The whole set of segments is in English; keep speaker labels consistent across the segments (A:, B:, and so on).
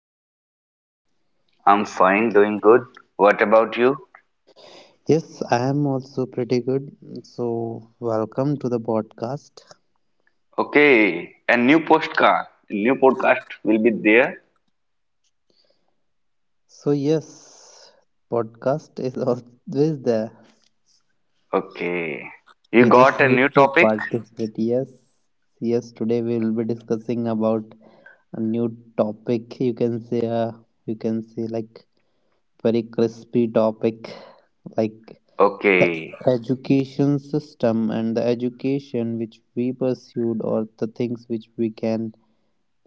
A: how are you?
B: I'm fine, doing good. What about you?
A: Yes, I am also pretty good. So, welcome to the podcast.
B: Okay, a new postcard, a new podcast will be there.
A: So, yes, podcast is always there.
B: Okay,
A: You
B: you
A: just
B: got a
A: need
B: new
A: to
B: topic?
A: participate. Yes, yes, today we will be discussing about a new topic. You can say like very crispy topic, like
B: Okay,
A: education system and the education which we pursued or the things which we can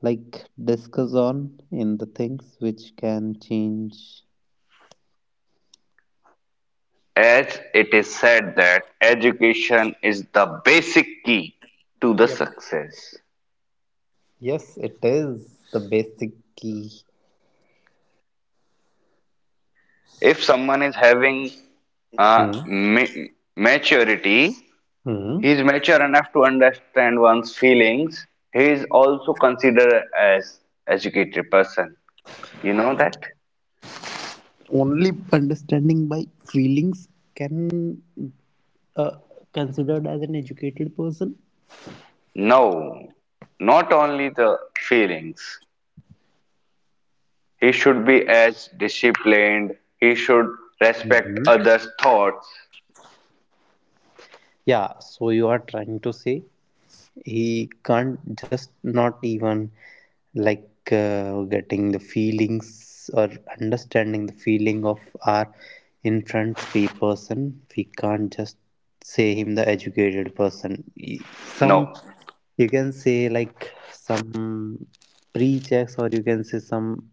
A: like discuss on in the things which can change.
B: as it is said that education is the basic key to the
A: Yep.
B: success.
A: Yes, it is the basic key.
B: If someone is having uh,
A: Hmm.
B: ma- maturity,
A: Hmm.
B: he is mature enough to understand one's feelings. He is also considered as educated person. You know that?
A: Only understanding by feelings can, uh, considered as an educated person.
B: No, not only the feelings. He should be as disciplined, he should respect
A: Mhm.
B: others' thoughts.
A: Yeah, so you are trying to say he can't just not even like, getting the feelings or understanding the feeling of our in front the person, we can't just say him the educated person. Some,
B: No,
A: you can say like some pre-checks, or you can say some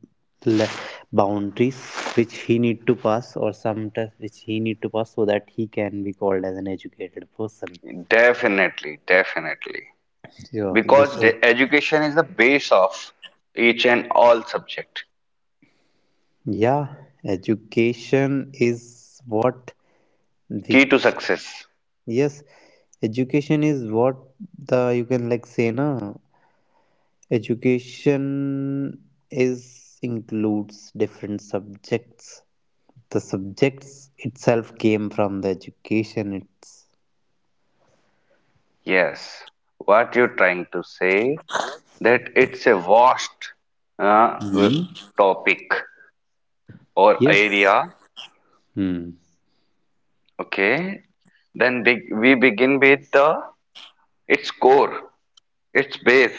A: le- boundaries which he need to pass, or some test which he need to pass so that he can be called as an educated person.
B: definitely, definitely.
A: Yeah, this
B: Because
A: is.
B: the education is the base of each and all subject.
A: Yeah, education is what,
B: Key to
A: which,
B: success.
A: yes, education is what the, you can like say na, education is includes different subjects. The subjects itself came from the education. It's.
B: Yes. What you're trying to say that it's a vast uh,
A: Hmm.
B: topic or
A: Yes.
B: area.
A: Hmm.
B: Okay, then we begin with the its core, its base.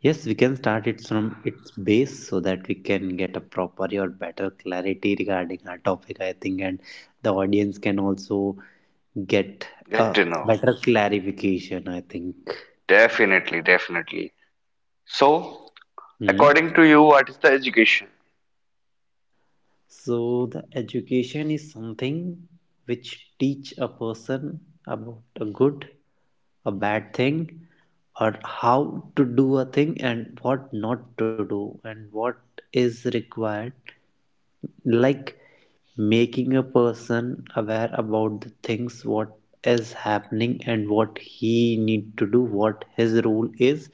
A: Yes, we can start it from its base so that we can get a proper or better clarity regarding our topic, I think, and the audience can also get
B: Get
A: a
B: to know.
A: better clarification, I think.
B: Definitely, definitely. So,
A: Hmm.
B: according to you, what is the education?
A: So the education is something which teach a person about a good, a bad thing, or how to do a thing and what not to do, and what is required, like making a person aware about the things what is happening and what he need to do, what his role is,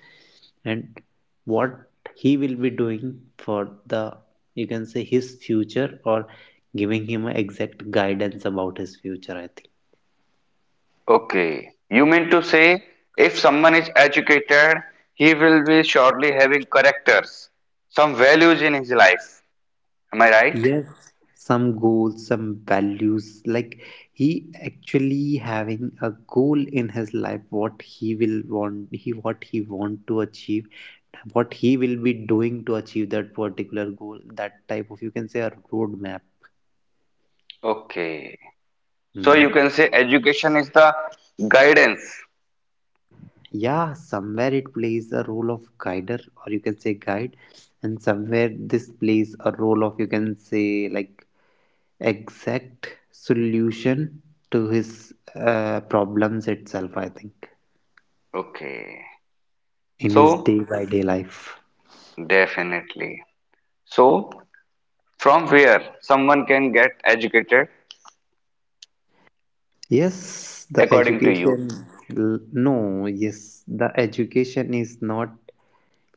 A: and what he will be doing for the, you can say, his future, or giving him a exact guidance about his future, I think.
B: Okay, you mean to say if someone is educated, he will be surely having characters, some values in his life. Am I right?
A: Yes, some goals, some values, like he actually having a goal in his life, what he will want, he what he want to achieve, what he will be doing to achieve that particular goal, that type of, you can say, a roadmap.
B: Okay,
A: Hmm.
B: so you can say education is the guidance.
A: Yeah, somewhere it plays a role of guider, or you can say guide, and somewhere this plays a role of, you can say like, exact solution to his, problems itself, I think,
B: Okay,
A: in his day
B: so
A: by day life.
B: definitely. So from where someone can get educated,
A: Yes, the
B: according to you.
A: education. No, yes, the education is not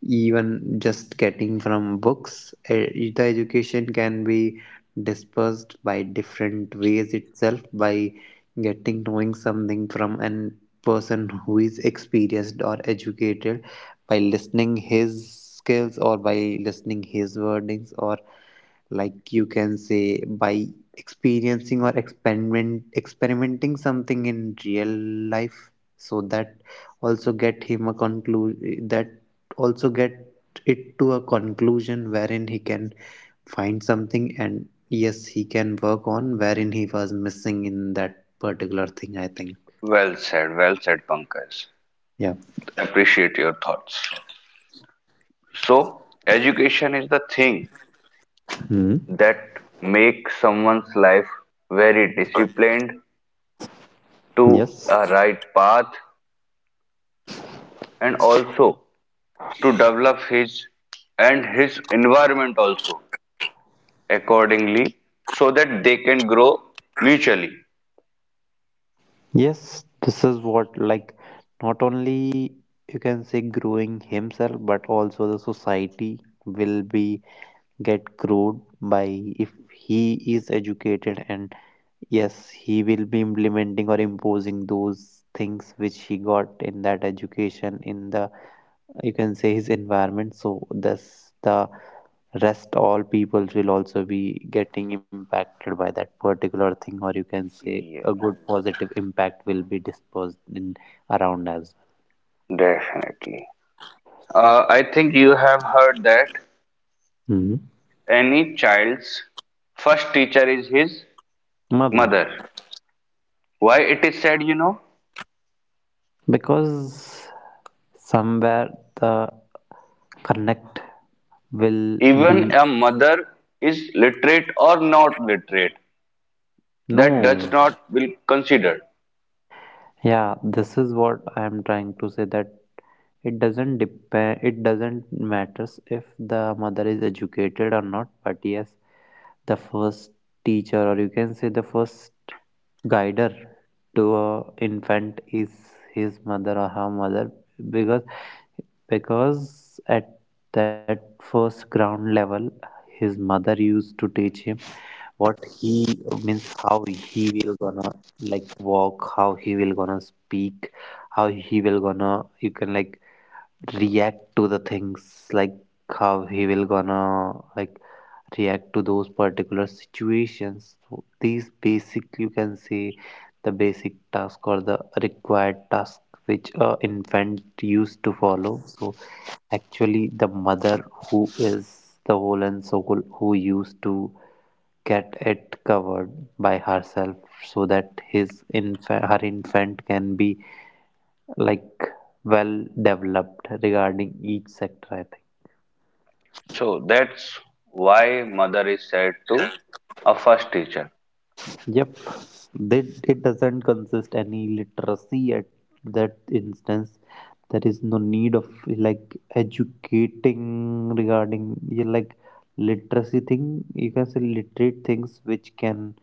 A: even just getting from books, eh, the education can be dispersed by different ways itself, by getting knowing something from an person who is experienced or educated, by listening his skills or by listening his wordings, or like you can say by experiencing or experimenting something in real life so that also get him a conclusion, that also get it to a conclusion wherein he can find something, and yes, he can work on wherein he was missing in that particular thing, I think.
B: Well said, Pankaj.
A: Yeah.
B: Appreciate your thoughts. So, education is the thing
A: Hmm.
B: that makes someone's life very disciplined, to
A: Yes.
B: a right path, and also to develop his and his environment also accordingly so that they can grow mutually.
A: Yes, this is what, like, not only, you can say, growing himself, but also the society will be get growed by, if he is educated. And yes, he will be implementing or imposing those things which he got in that education in the, you can say, his environment, so thus the rest all people will also be getting impacted by that particular thing, or you can say a
B: Yeah,
A: good positive impact will be dispersed in around as
B: definitely. I think you have heard that
A: well. Mhm.
B: any child's first teacher is his
A: Mother,
B: mother. Why it is said, you know,
A: because somewhere the connect will be.
B: even a mother is literate or not literate, that
A: No.
B: does not will considered.
A: Yeah, this is what I am trying to say, that it doesn't depend, it doesn't matters if the mother is educated or not, but yes, the first teacher, or you can say the first guider to a infant is his mother or her mother, because at that first ground level, his mother used to teach him what he means, how he will gonna like walk, how he will gonna speak, how he will gonna, you can like, react to the things, like how he will gonna like react to those particular situations. So these basic, you can say, the basic task or the required task which a infant used to follow. So actually, the mother who is the whole and soul who used to get it covered by herself, so that his infant, her infant, can be like well developed regarding each sector, I think.
B: So that's why mother is said to a first teacher.
A: Yep, that it doesn't consist any literacy at that instance. There is no need of like educating regarding, yeah, like literacy thing. You can say literate things which can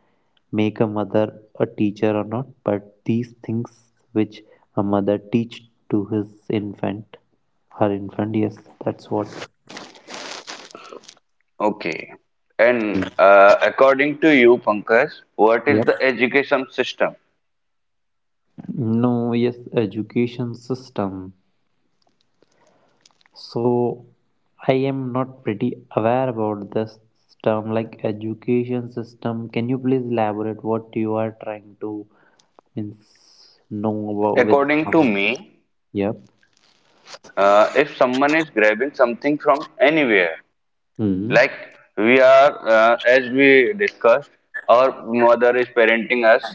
A: make a mother a teacher or not, but these things which a mother teach to his infant, her infant. Yes, that's what.
B: Okay. And according to you, Pankaj, what is the
A: Yep.
B: education system?
A: No. Yes, education system. So I am not pretty aware about this term, like education system. Can you please elaborate what you are trying to means know about
B: According to
A: with.
B: me,
A: Yep.
B: if someone is grabbing something from anywhere,
A: Hmm.
B: like we are, as we discussed, our mother is parenting us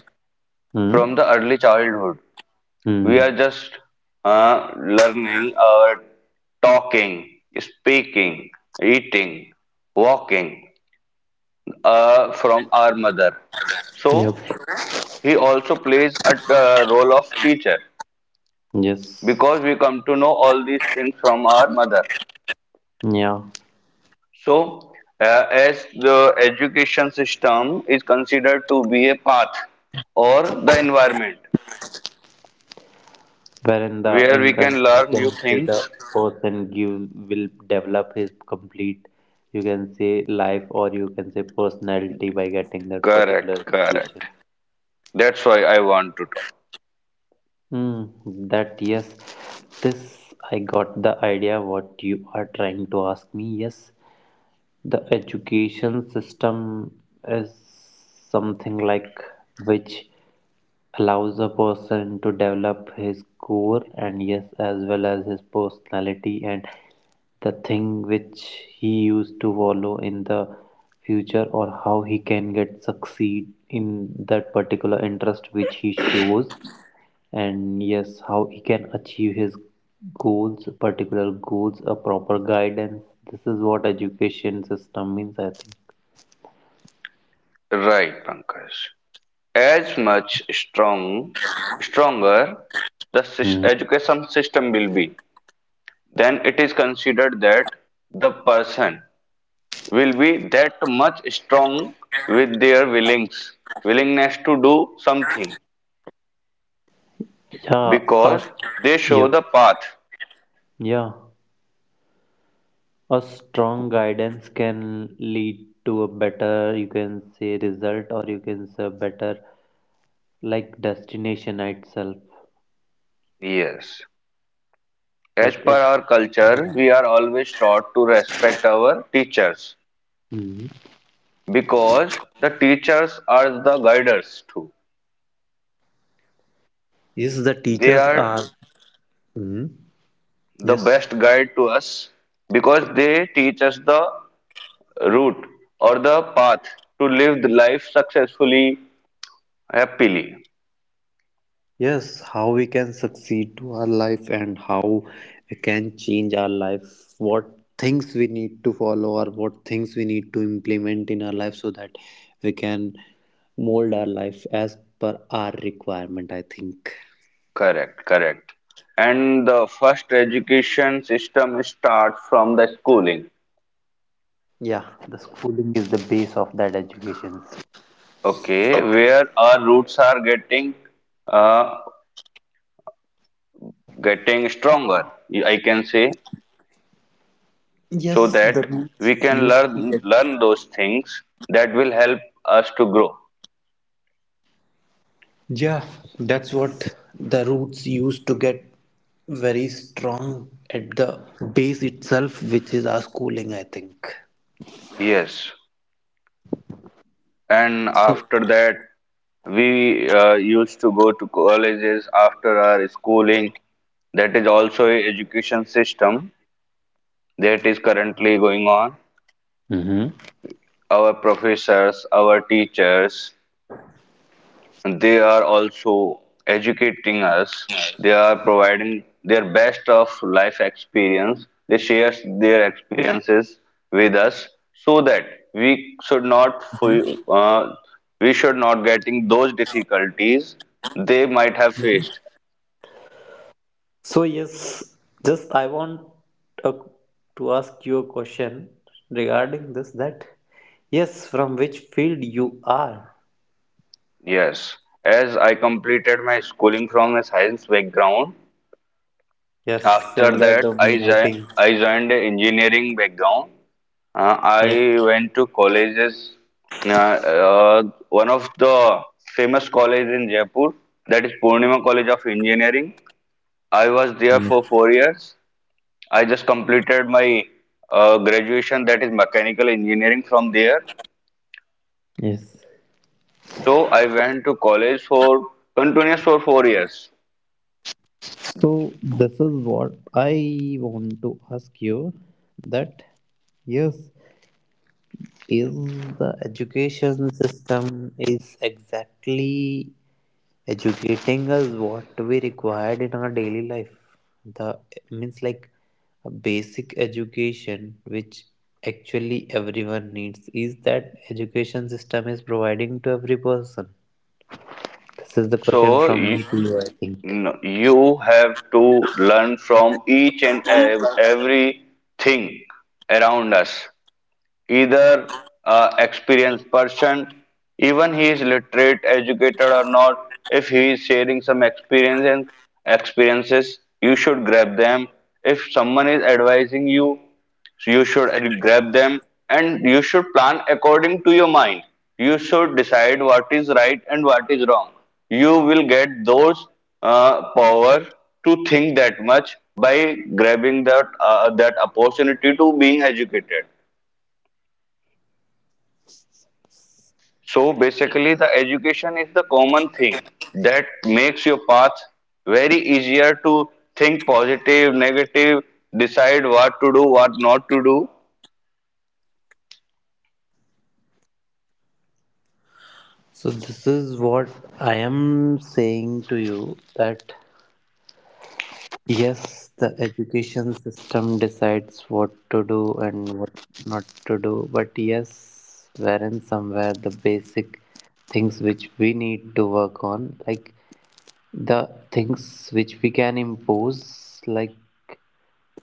B: from
A: Hmm.
B: the early childhood. We
A: Hmm.
B: are just learning our talking, speaking, eating, walking from our mother.
A: Yep.
B: So he also plays a role of teacher
A: Yes.
B: because we come to know all these things from our mother.
A: Yeah,
B: So, as the education system is considered to be a path or the environment
A: wherein the
B: where we
A: infant,
B: can
A: you
B: learn
A: can
B: new
A: say the
B: things.
A: person give, will develop his complete, you can say, life, or you can say personality, by getting that
B: Correct,
A: particular
B: correct.
A: education.
B: That's why I want to talk.
A: Hmm, that yes, this I got the idea what you are trying to ask me. Yes, the education system is something like which. Allows a person to develop his core, and yes, as well as his personality, and the thing which he used to follow in the future, or how he can get succeed in that particular interest which he shows, and yes, how he can achieve his goals, particular goals, a proper guidance, this is what education system means, I think.
B: Right, Pankaj. As much strong, stronger the
A: Hmm.
B: education system will be, then it is considered that the person will be that much strong with their willings, willingness to do something
A: Yeah,
B: because
A: us.
B: they show
A: Yep.
B: the path.
A: Yeah, a strong guidance can lead to a better, you can say, result, or you can say better, like, destination itself.
B: Yes. As
A: But
B: per
A: it.
B: our culture, we are always taught to respect our teachers
A: Mhm.
B: because the teachers are the guiders too.
A: Yes, the
B: They
A: teachers are.
B: are
A: Mhm.
B: the
A: Yes.
B: best guide to us because they teach us the route or the path to live the life successfully, happily.
A: Yes, how we can succeed to our life and how we can change our life, what things we need to follow, or what things we need to implement in our life so that we can mold our life as per our requirement, I think.
B: Correct, correct. And the first education system starts from the schooling.
A: Yeah, the schooling is the base of that education.
B: Okay, where our roots are getting uh, getting stronger, I can say, so
A: Yes, the
B: that we
A: roots
B: can
A: used
B: learn
A: to get.
B: learn those things that will help us to grow.
A: Yeah, that's what, the roots used to get very strong at the base itself, which is our schooling, I think.
B: Yes, and
A: So.
B: after that, we used to go to colleges after our schooling. That is also a education system that is currently going on.
A: Mm-hmm.
B: Our professors, our teachers, they are also educating us. They are providing their best of life experience. They share their experiences with us so that we should not fu- we should not getting those difficulties they might have faced.
A: So yes, just I want a, to ask you a question regarding this, that yes, from which field you are?
B: Yes, as I completed my schooling from a science background.
A: Yes,
B: After
A: similar
B: that
A: to
B: I,
A: me, I
B: jo-
A: think.
B: I joined an engineering background.
A: Yep.
B: I went to colleges. Uh, uh, one of the famous college in Jaipur, that is Purnima College of Engineering. I was there for 4 years. I just completed my graduation, that is mechanical engineering from there.
A: Yes.
B: So I went to college for continuous for 4 years.
A: So this is what I want to ask you, that yes, is the education system is exactly educating us what we required in our daily life, the means like a basic education which actually everyone needs, is that education system is providing to every person? This is the question
B: So you,
A: from me to you, I think.
B: no, you have to learn from each and everything around us. Either a experienced person, even he is literate educated or not, if he is sharing some experience and experiences you should grab them. If someone is advising you, you should grab them and you should plan according to your mind. You should decide what is right and what is wrong. You will get those power to think that much by grabbing that opportunity to being educated. So basically, the education is the common thing that makes your path very easier to think positive, negative, decide what to do, what not to do.
A: So this is what I am saying to you, that yes, the education system decides what to do and what not to do, but yes, wherein somewhere the basic things which we need to work on, like the things which we can impose, like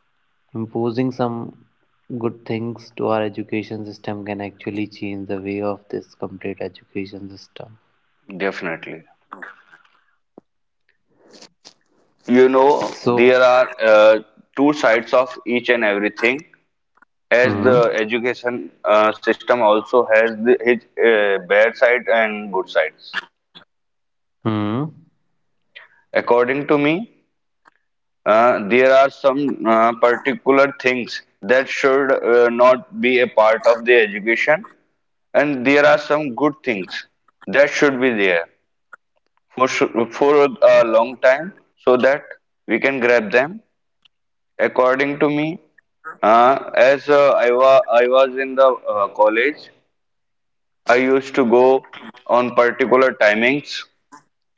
A: imposing some good things to our education system can actually change the way of this complete education system.
B: Definitely. You know,
A: So.
B: there are two sides of each and everything. As the
A: Hmm.
B: education system also has the, its bad side and good sides.
A: Hmm.
B: According to me, there are some particular things that should not be a part of the education, and there are some good things that should be there for for a long time so that we can grab them. According to me, as I wa I was in the college, I used to go on particular timings.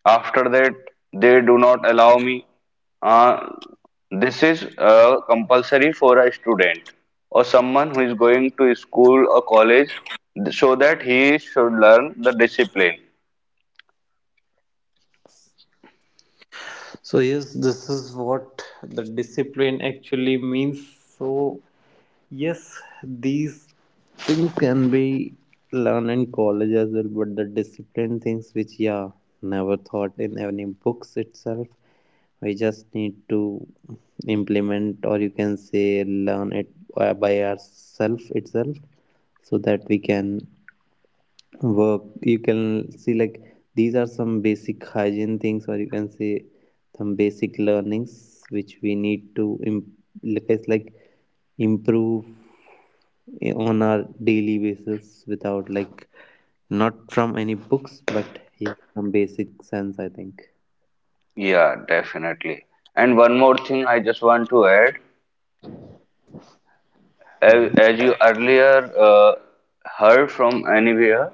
B: After that, they do not allow me. Uh, this is compulsory for a student or someone who is going to school or college so that he should learn the discipline.
A: So yes, this is what the discipline actually means. So yes, these things can be learned in college as well, but the discipline things which, yeah, never thought in any books itself. We just need to implement, or you can say learn it, by ourselves itself, so that we can work, you can see like, these are some basic hygiene things, or you can say some basic learnings which we need to like it's like improve on our daily basis, without like, not from any books, but yeah, from basic sense, I think.
B: Yeah, definitely. And one more thing I just want to add, a-
A: Mm.
B: as you earlier uh, heard from anywhere,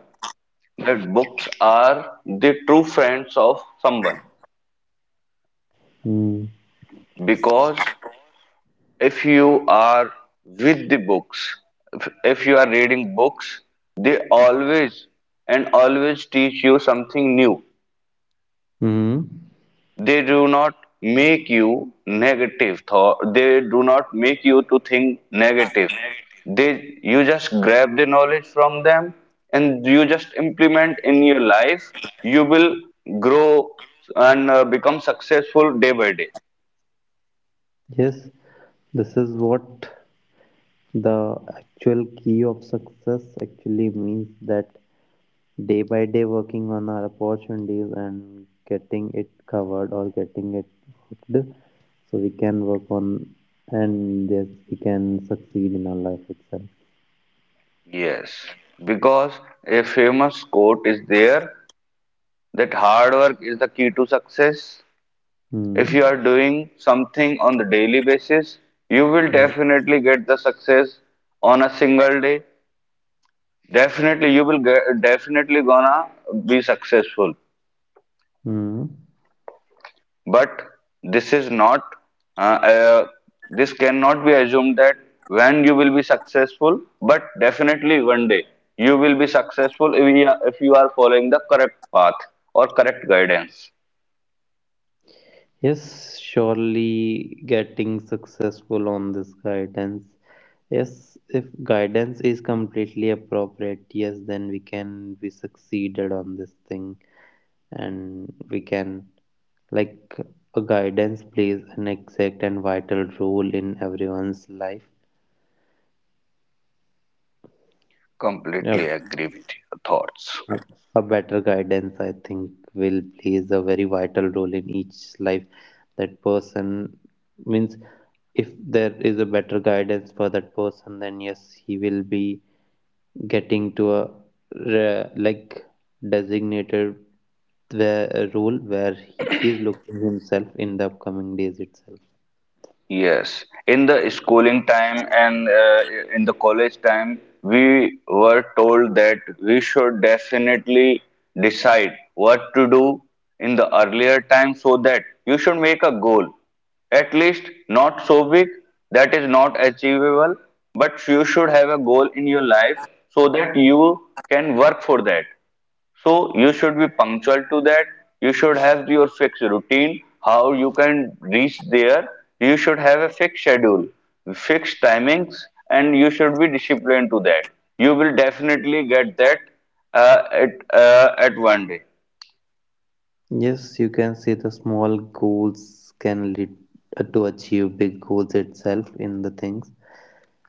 B: that books are the true friends of someone because if you are with the books, if you are reading books, they always and always teach you something new.
A: Hmm.
B: They do not make you negative thought. They do not make you to think negative. They, you just grab the knowledge from them and you just implement in your life. You will grow and become successful day by day.
A: Yes, this is what the actual key of success actually means, that day by day working on our opportunities and getting it covered or getting it hooked, so we can work on, and yes, we can succeed in our life itself.
B: Yes, because a famous quote is there that hard work is the key to success.
A: Hmm.
B: If you are doing something on the daily basis, you will
A: Hmm.
B: definitely get the success on a single day. Definitely, you will get, definitely gonna be successful.
A: Hmm.
B: But this is not, uh, uh, this cannot be assumed that when you will be successful, but definitely one day you will be successful if you are following the correct path or correct guidance.
A: Yes, surely getting successful on this guidance. Yes, if guidance is completely appropriate, yes, then we can be succeeded on this thing, and we can, like, a guidance plays an exact and vital role in everyone's life. Yeah,
B: Completely agree with your thoughts.
A: a better guidance, I think, will plays a very vital role in each life. That person means, if there is a better guidance for that person, then yes, he will be getting to a like designated where, role where he is looking himself in the upcoming days itself.
B: Yes, in the schooling time and in the college time, we were told that we should definitely decide what to do in the earlier time so that you should make a goal. At least not so big that is not achievable, but you should have a goal in your life so that you can work for that. So you should be punctual to that. You should have your fixed routine, how you can reach there. You should have a fixed schedule, fixed timings, and you should be disciplined to that. You will definitely get that at one day.
A: Yes, you can see the small goals can lead, to achieve big goals itself in the things.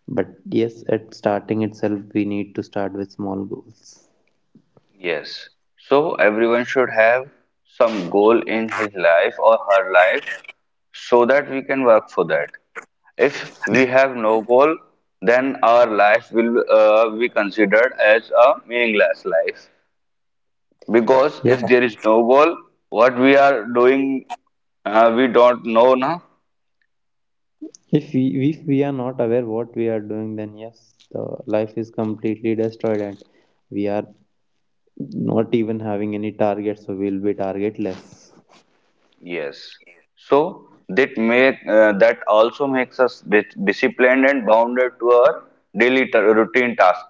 A: But yes, at starting itself, we need to start with small goals.
B: Yes. So everyone should have some goal in his life or her life so that we can work for that. If we have no goal, then our life will be considered as a meaningless life. Because if
A: Yeah,
B: there is no goal, what we are doing, we don't know now.
A: if we, if we are not aware what we are doing, then yes, the life is completely destroyed, and we are not even having any targets, so we'll be targetless.
B: Yes. So that make that also makes us disciplined and bounded to our daily routine task.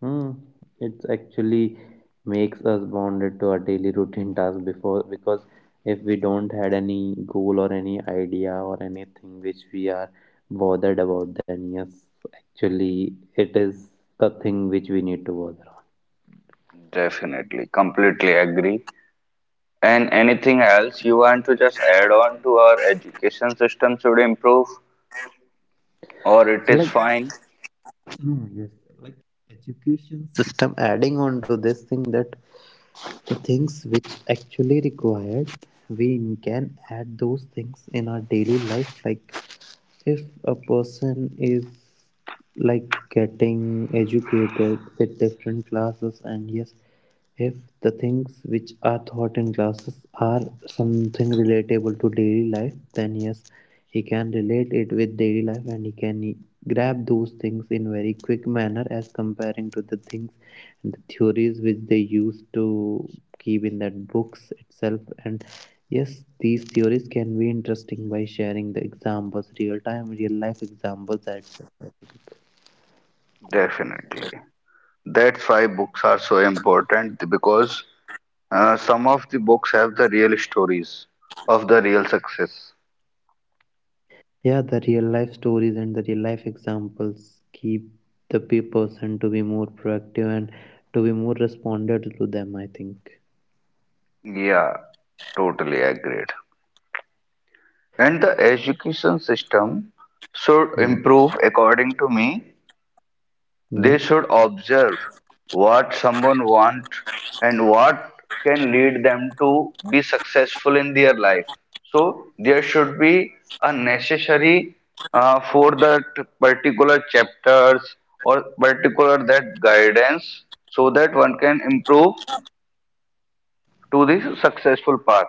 A: Hmm. It actually makes us bonded to our daily routine task before, because if we don't had any goal or any idea or anything which we are bothered about, then yes, actually it is the thing which we need to bother on.
B: Definitely, completely agree. And anything else you want to just add on to our education system should improve or it
A: So
B: is
A: like
B: fine?
A: no, yes, like education system, adding on to this thing that the things which actually required, we can add those things in our daily life. Like if a person is like getting educated with different classes, and yes, if the things which are taught in classes are something relatable to daily life, then yes, he can relate it with daily life and he can grab those things in very quick manner as comparing to the things and the theories which they used to keep in that books itself. And yes, these theories can be interesting by sharing the examples, real time real life examples, that
B: Definitely. That's why books are so important because some of the books have the real stories of the real success.
A: yeah, the real life stories and the real life examples keep the person to be more proactive and to be more responded to them, I think.
B: Yeah, totally agreed. And the education system should
A: Hmm.
B: improve according to me.
A: Yep.
B: They should observe what someone wants and what can lead them to be successful in their life. So there should be a necessary for that particular chapters or particular that guidance so that one can improve to the successful path.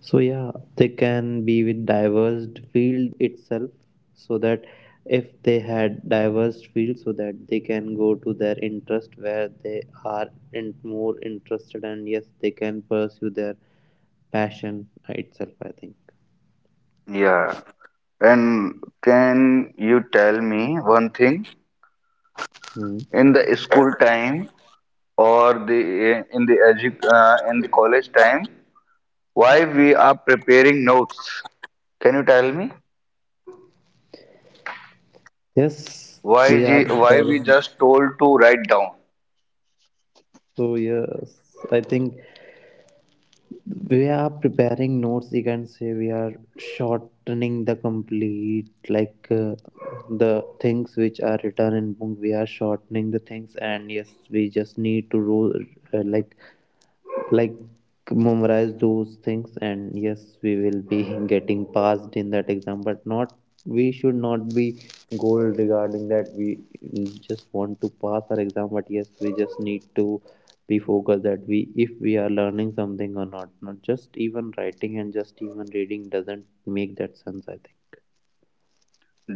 A: So yeah, they can be with diverse field itself, so that if they had diverse field, so that they can go to their interest where they are in more interested, and yes, they can pursue their passion itself, I think.
B: Yeah. And can you tell me one thing?
A: Hmm.
B: In the school time, or the in the edu- in the college time, why we are preparing notes, can you tell me
A: Yes,
B: why
A: we have.
B: why we just told to write down.
A: So yes, I think we are preparing notes, you can say we are shortening the complete, like the things which are written in book, we are shortening the things. And yes, we just need to uh, like like memorize those things, and yes, we will be getting passed in that exam. But not, we should not be goal regarding that, we just want to pass our exam. But yes, we just need to be focused that, we if we are learning something or not, not just even writing and just even reading doesn't make that sense, I think.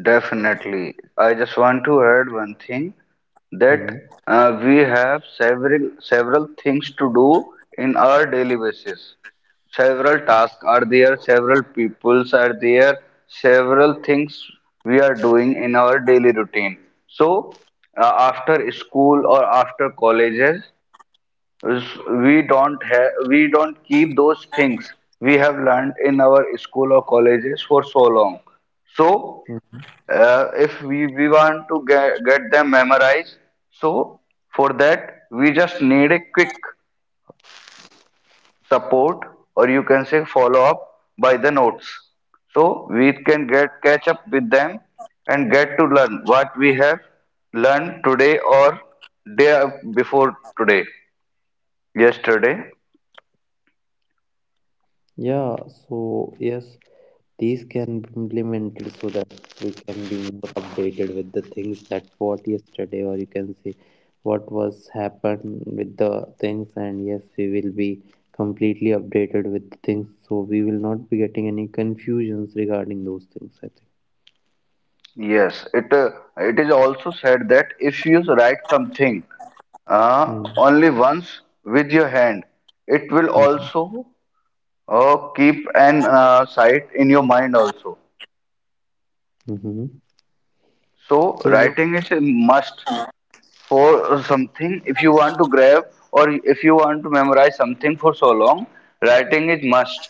B: Definitely. I just want to add one thing that
A: Hmm.
B: we have several things to do in our daily basis. Several tasks are there, several peoples are there, several things we are doing in our daily routine. So after school or after colleges, is we don't keep those things we have learned in our school or colleges for so long. So if we, we want to get them memorized, so for that we just need a quick support or you can say follow up by the notes so we can get catch up with them and get to learn what we have learned today or day before today, yesterday.
A: Yeah, so yes, these can be implemented so that we can be more updated with the things, that what yesterday, or you can say what was happened with the things. And yes, we will be completely updated with the things, so we will not be getting any confusions regarding those things, I think.
B: Yes, it is also said that if you write something
A: Mm-hmm.
B: only once with your hand, it will
A: Mm-hmm.
B: also keep an sight in your mind also.
A: Mm-hmm.
B: So
A: So yeah.
B: writing is a must for something if you want to grab or if you want to memorize something for so long, writing is must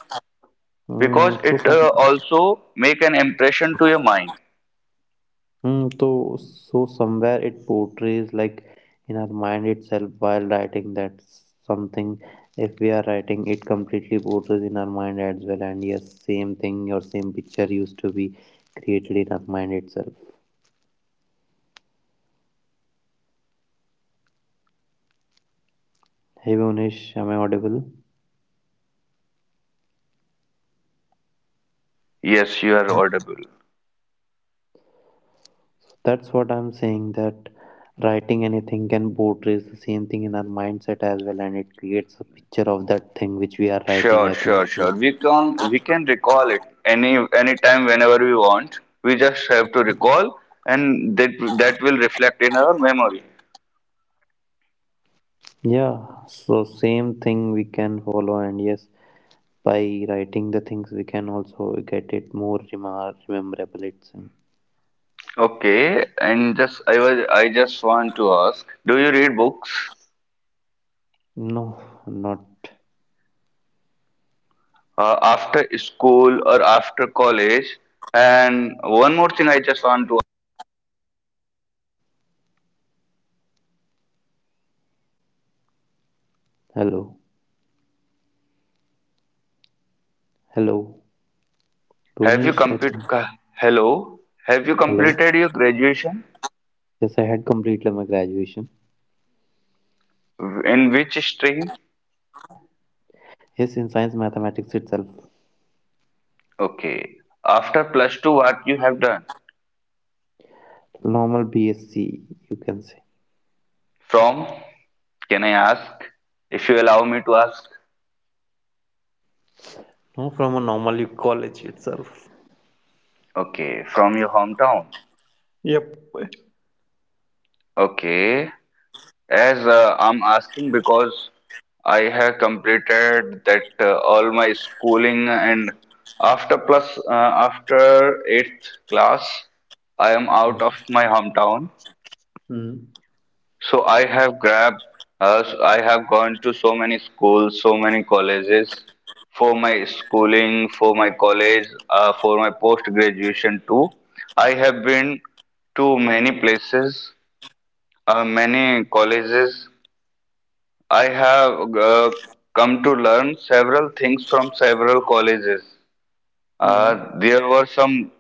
B: because
A: So
B: it
A: some.
B: also make an impression to your mind.
A: Hmm, so somewhere it portrays like in our mind itself while writing. That's something, if we are writing, it completely portrays in our mind as well, and yes, same thing or same picture used to be created in our mind itself. Hey Bonish, am I audible?
B: Yes, you are audible.
A: That's what I'm saying, that writing anything can portray the same thing in our mindset as well, and it creates a picture of that thing which we are writing,
B: Sure,
A: I think.
B: sure,
A: So.
B: sure. We can recall it any time whenever we want. We just have to recall, and that will reflect in our memory.
A: Yeah, so same thing we can follow, and yes, by writing the things we can also get it more memorable. It's
B: Okay, and just I just want to ask, do you read books
A: no, not.
B: after school or after college? And one more thing, I just want to
A: Hello, hello,
B: have you
A: Bonish, I think.
B: hello? Have you
A: Hello.
B: completed your graduation?
A: Yes, I had completed my graduation.
B: In which stream?
A: Yes, in science, mathematics itself.
B: Okay. After plus 2, what you have done?
A: Normal BSc, you can say.
B: From, can I ask? If you allow me to ask.
A: No, from a normal college itself.
B: Okay, from your hometown.
A: Yep.
B: Okay. As I'm asking because I have completed that all my schooling and after plus uh, after eighth class, I am out
A: Mm.
B: of my hometown.
A: Mm,
B: So I have grabbed, I have gone to so many schools, so many colleges for my schooling, for my college, for my post graduation too. I have been to many places, many colleges. I have come to learn several things from several colleges.
A: mm,
B: There were some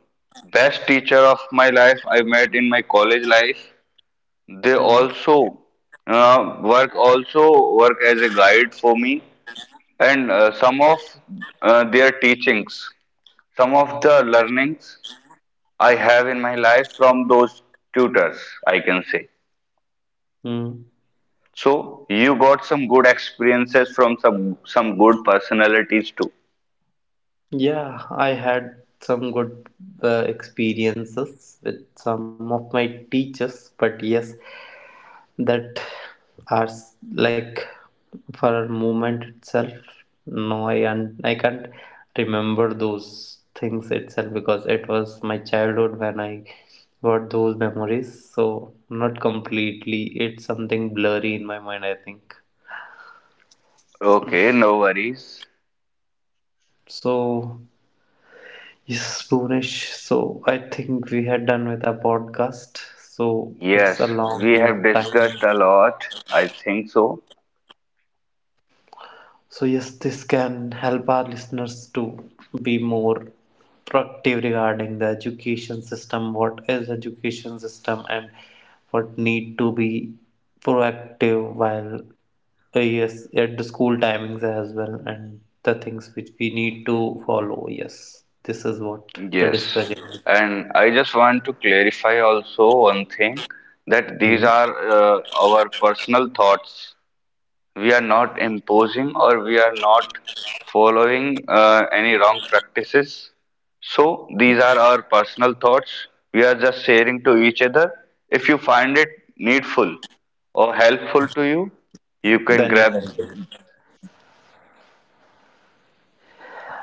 B: best teacher of my life I met in my college life. They
A: mm,
B: also work as a guide for me, and some of their teachings, some of the learnings I have in my life from those tutors, I can say.
A: mm.
B: So you got some good experiences from some good personalities too.
A: Yeah, I had some good experiences with some of my teachers, but yes, that are like for movement itself. No, I can't remember those things itself, because it was my childhood when I got those memories, so not completely, it's something blurry in my mind, I think.
B: Okay, no worries.
A: So yes, Bhunesh, so I think we had done with our podcast, so it's a
B: Yes,
A: long
B: we have discussed
A: time.
B: a lot. I think so.
A: So, yes, this can help our listeners to be more proactive regarding the education system, what is education system and what need to be proactive while yes at the school timings as well, and the things which we need to follow. Yes, this is what the
B: Yes,
A: discussion is.
B: and I just want to clarify also one thing that these
A: Hmm.
B: are our personal thoughts. We are not imposing or we are not following any wrong practices. So these are our personal thoughts. We are just sharing to each other. If you find it needful or helpful to you, you can
A: Then you
B: grab.
A: can.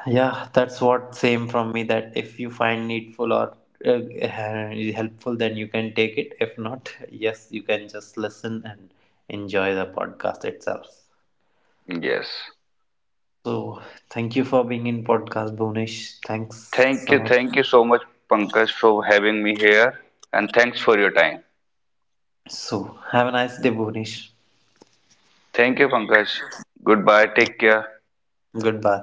A: Yeah, that's what same from me, that if you find needful or uh, helpful, then you can take it. If not, yes, you can just listen and enjoy the podcast itself.
B: Yes.
A: So, thank you for being in podcast, Bhunesh. Thanks
B: Thank
A: a
B: you.
A: lot.
B: Thank you so much, Pankaj, for having me here. And thanks for your time.
A: So, have a nice day, Bhunesh.
B: Thank you, Pankaj. Goodbye. Take care.
A: Goodbye.